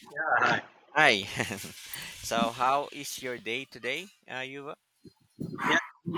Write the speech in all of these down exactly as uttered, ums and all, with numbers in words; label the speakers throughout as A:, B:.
A: Yeah, hi.
B: Hi. So, how is your day today, uh, Yuva?
A: Yeah,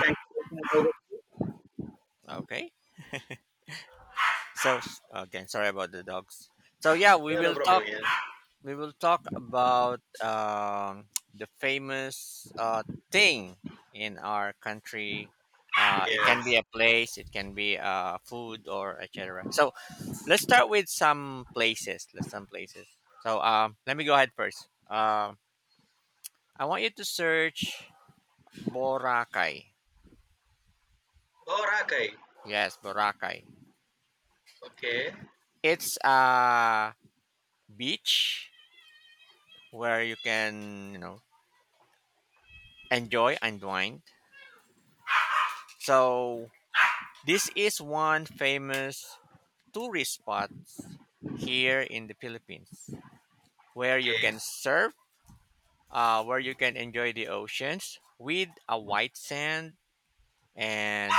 A: thank you for taking over.
B: Okay. So, s- again, sorry about the dogs. So, yeah, we
A: Yeah, no
B: will talk.
A: problem. Yeah.
B: We will talk about um, the famous uh, thing in our country. Uh, it can be
A: Yes.
B: a place, it can be uh, food, or et cetera. So, let's start with some places. Let's some places. So, um, let me go ahead first. Um I want you to search Boracay.
A: Oh, Rakai.
B: Yes, Boracay.
A: Okay.
B: It's a beach where you can, you know, enjoy and wine. So this is one famous tourist spot here in the Philippines where you
A: Okay.
B: can surf, uh, where you can enjoy the oceans with a white sand and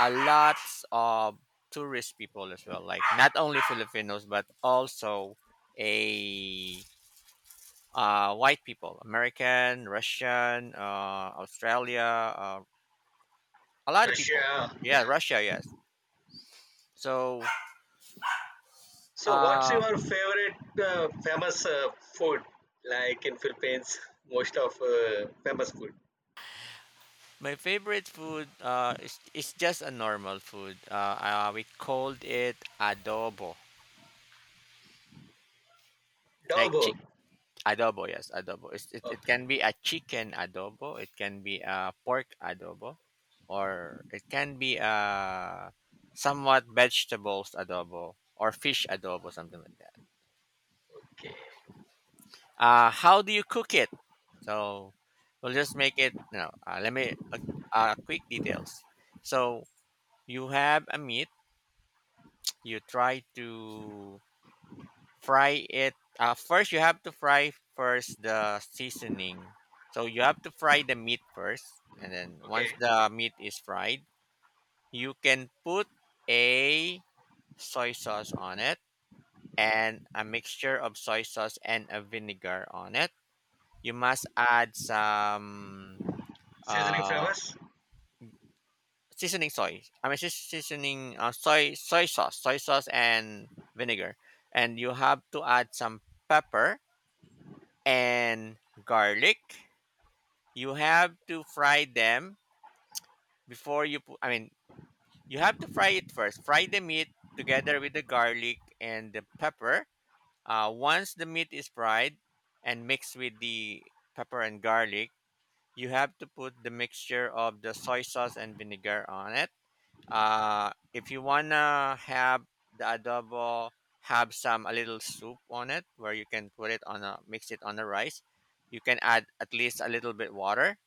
B: a lots of tourist people as well. Like not only Filipinos but also a uh, white people, American, Russian, uh, Australia, uh, a lot of people.
A: Russia.
B: Yeah,
A: Yes.
B: Russia, yes. So,
A: So, what's
B: uh,
A: your favorite uh, famous uh, food? Like in Philippines, most of uh, famous food.
B: my favorite food uh, is, is just a normal food. Uh, uh, we called it adobo. Like
A: Double.
B: chi- adobo, yes, adobo. It's, it, it
A: Okay.
B: can be a chicken adobo, it can be a pork adobo, or it can be a somewhat vegetables adobo or fish adobo, something like that.
A: Okay.
B: Uh, how do you cook it? So we'll just make it. No, uh, let me uh, uh, quick details. So you have a meat. You try to fry it. Uh, first, you have to fry first the seasoning. So you have to fry the meat first, and then once
A: Okay.
B: the meat is fried, you can put a soy sauce on it and a mixture of soy sauce and a vinegar on it. You must add some
A: Seasoning
B: uh
A: famous.
B: seasoning soy I mean seas- seasoning uh, soy soy sauce soy sauce and vinegar, and you have to add some pepper and garlic. You have to fry them before you put I mean you have to fry it first, fry the meat together with the garlic and the pepper. Uh, once the meat is fried and mixed with the pepper and garlic, you have to put the mixture of the soy sauce and vinegar on it. Uh, if you wanna have the adobo, have some a little soup on it where you can put it on a mix it on the rice. You can add at least a little bit water,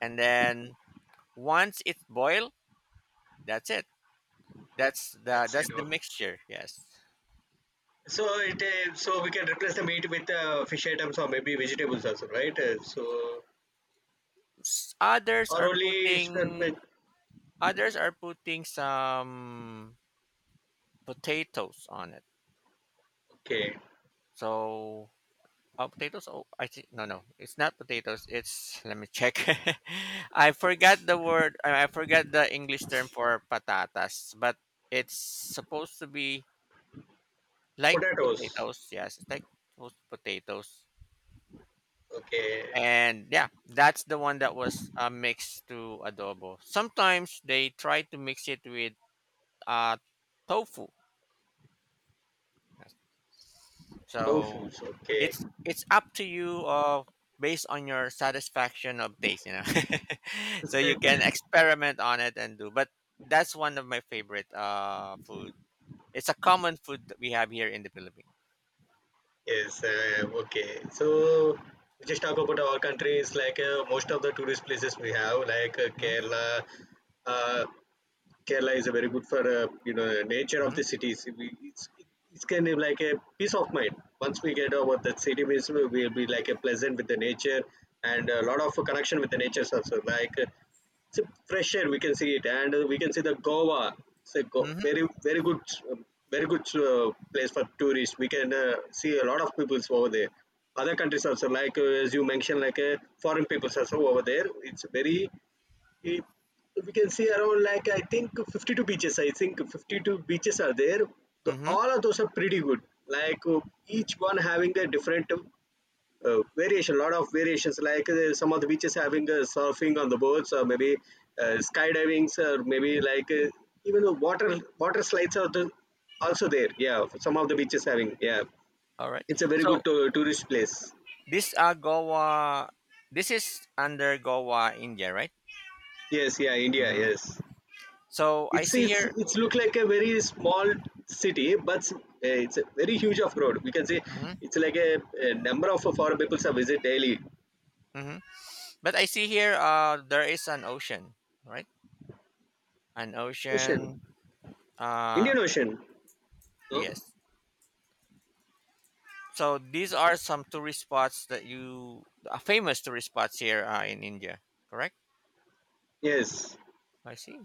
B: and then once it's boiled, that's it. That's the
A: That's it.
B: that's the
A: Okay.
B: mixture. Yes.
A: So it uh, so we can replace the meat with uh, fish items or maybe vegetables also, right? Uh, so
B: S- Others
A: or
B: are
A: only sp-
B: putting
A: with-
B: others are putting some potatoes on it.
A: Okay,
B: So Oh, potatoes. Oh, I think no, no, it's not potatoes. It's let me check. I forgot the word. I I forgot the English term for patatas, but it's supposed to be like
A: potatoes.
B: potatoes. Yes, it's like those potatoes.
A: Okay,
B: And yeah, that's the one that was uh, mixed to adobo. Sometimes they try to mix it with uh, tofu. Yes. So
A: tofu's okay.
B: it's it's up to you uh based on your satisfaction of taste, you know. So you can experiment on it and do. But that's one of my favorite uh food. It's a common food that we have here in the Philippines.
A: Yes, uh, okay. So we just talk about our countries, like uh, most of the tourist places we have, like uh,
B: Mm-hmm,
A: Kerala. uh, Kerala is a very good for uh, you know nature of
B: mm-hmm,
A: the cities. We, it's it's kind of like a peace of mind. Once we get over that city, means we will be like a pleasant with the nature, and a lot of connection with the nature also. Like uh, it's a fresh air, we can see it, and uh, we can see the Goa. It's a go- very very good, um, very good uh, place for tourists. We can uh, see a lot of peoples over there. Other countries also, like uh, as you mentioned, like uh, foreign peoples also over there. It's very it, we can see around, like, I think fifty-two beaches. I think fifty-two beaches are there. The,
B: mm-hmm.
A: all of those are pretty good. Like uh, each one having their different uh, variation, lot of variations. Like uh, some of the beaches having uh, surfing on the boats, or maybe uh, skydiving, or maybe like uh, even the water water slides are the, also there. Yeah, some of the beaches having. Yeah,
B: All right.
A: it's a very
B: So
A: good to tourist place.
B: this uh Goa, this is under Goa, India, right?
A: Yes, yeah, India.
B: Mm-hmm.
A: Yes.
B: So I
A: it's
B: see
A: it's
B: here.
A: it's look like a very small city, but uh, it's a very huge off road, we can say,
B: Mm-hmm,
A: it's like a, a number of foreign people's are visit daily.
B: mm-hmm. But I see here. Uh, there is an ocean, right? An
A: Ocean.
B: ocean. Uh,
A: Indian Ocean. No.
B: yes. So these are some tourist spots that you uh, famous tourist spots here uh, in India, correct?
A: Yes.
B: I see.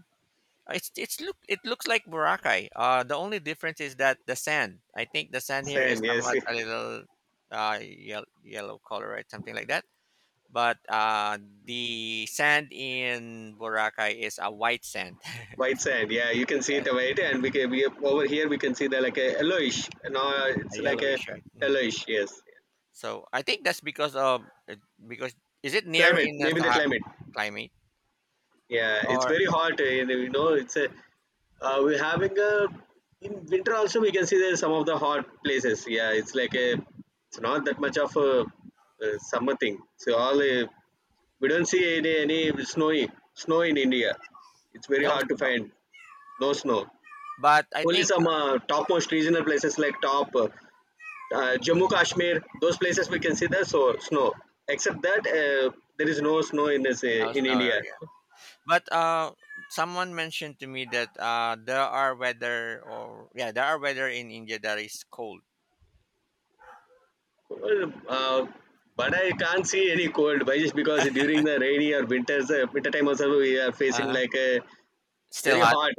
B: Uh, It's it's look it looks like Boracay. Uh, the only difference is that the sand. I think the sand here is
A: Sand. Yes.
B: somewhat a little uh yellow, yellow color, right? Something like that. But uh, the sand in Boracay is a white sand,
A: White sand, yeah, you can see
B: yeah,
A: it white, and we can we over here we can see the, like, a yellowish. No, it's
B: a
A: like a
B: yellowish, right? Hmm.
A: yellowish. Yes.
B: So I think that's because of uh, because is it near
A: Climate,
B: in the
A: maybe the
B: Sahara
A: climate.
B: climate,
A: Yeah, it's
B: or
A: very hot, eh, and you know it's a, uh, we're having a, in winter also we can see there's some of the hot places. Yeah, it's like a, it's not that much of a, uh summer thing. So all uh,
B: Mhm.
A: we don't see any any snowy snow in India. It's very
B: No
A: hard to
B: snow?
A: find. No snow.
B: But I
A: Only
B: think
A: some uh, topmost regional places, like top uh, uh, Jammu
B: um,
A: Kashmir, those places we can see the so snow. Except that uh, there is no snow in this
B: I
A: uh,
B: was
A: in India.
B: nowhere yet. But uh, someone mentioned to me that uh, there are weather or yeah, there are weather in India that is cold.
A: Well, uh, but I can't see any cold, by just because during the rainy or winters, uh, winter time also we are facing,
B: Uh-huh.
A: like, a
B: Still
A: very
B: hot.
A: hot.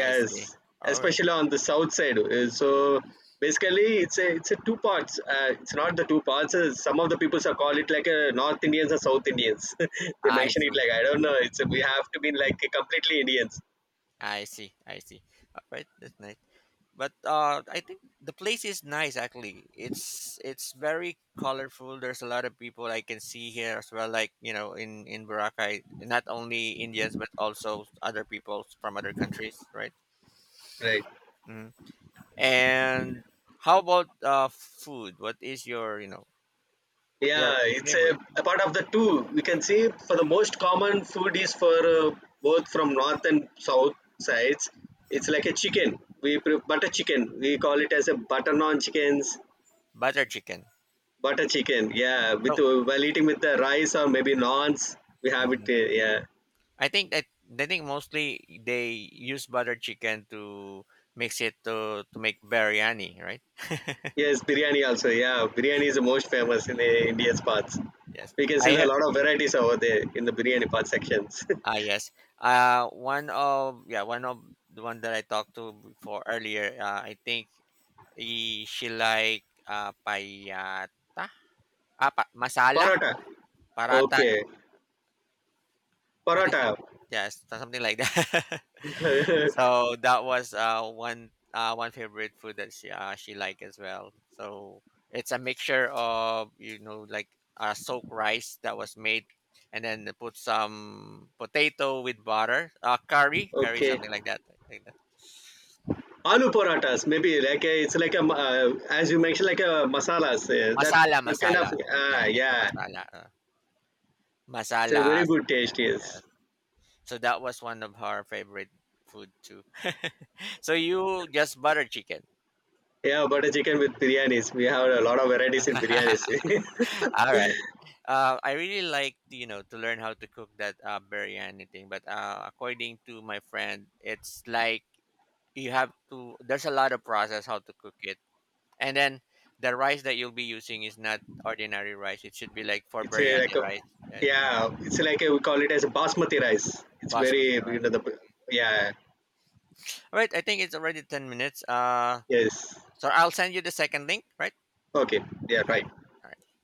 B: I see. All right.
A: especially on the south side. Uh, So basically, it's a it's a two parts. Uh, it's not the two parts. Uh, some of the people call it like a North Indians or South Indians. They
B: I
A: mention it,
B: see.
A: like, I don't know. It's we have to be like completely Indians,
B: I see. I see. All right. That's nice. But uh, I think the place is nice. Actually, it's it's very colorful. There's a lot of people I can see here as well. Like you know, in in Boracay, not only Indians but also other people from other countries, right?
A: right?
B: And how about uh food? What is your you know your
A: Yeah, it's a,
B: favorite
A: a part of the two. We can see for the most common food is for uh, both from north and south sides. It's like a chicken. We pre- butter chicken. We call it as a butter naan chickens.
B: butter chicken?
A: Butter chicken. Yeah, with
B: So
A: uh, while eating with the rice or maybe naans, we have it.
B: mhm.
A: Uh, yeah.
B: I think that I think mostly they use butter chicken to mix it to to make biryani, right?
A: Yes, biryani also. Yeah, biryani is the most famous in the India's parts.
B: Yes,
A: We can
B: I
A: see there are
B: ha-
A: a lot of varieties over there in the biryani part sections.
B: ah yes. Uh, one of yeah, one of the one that I talked to before earlier. Uh, I think he, she like uh payata, ah, pa- masala,
A: Paratha.
B: parata
A: Okay.
B: I think
A: Paratha.
B: something yes, so something like that. So that was uh one uh one favorite food that she uh she liked as well. So it's a mixture of you know like uh soaked rice that was made, and then they put some potato with butter, uh curry, curry
A: Okay.
B: something like that, like that.
A: Aloo paratas, maybe like a, it's like a ma- uh, as you mentioned, like a masalas. Uh, that
B: Masala,
A: that kind
B: masala.
A: of, ah,
B: Yeah, it's a
A: yeah,
B: masala. Uh,
A: it's a very
B: masala
A: good
B: something
A: taste.
B: like that.
A: Yes,
B: Yes. So that was one of her favorite food too. So you just butter chicken.
A: yeah, butter chicken with biryanis. We have a lot of varieties in biryanis.
B: All right. Uh, I really like to, you know, to learn how to cook that uh, biryani thing, but uh, according to my friend, it's like you have to. There's a lot of process how to cook it, and then the rice that you'll be using is not ordinary rice. It should be like for
A: It's a, like
B: biryani
A: a,
B: rice, yeah,
A: yeah, it's like a, we call it as a basmati rice. It's very,
B: basmati
A: you
B: rice.
A: know, the yeah.
B: All right. I think it's already ten minutes. Uh,
A: Yes.
B: so I'll send you the second link. Right.
A: Okay. Yeah,
B: All
A: right.
B: right. All right.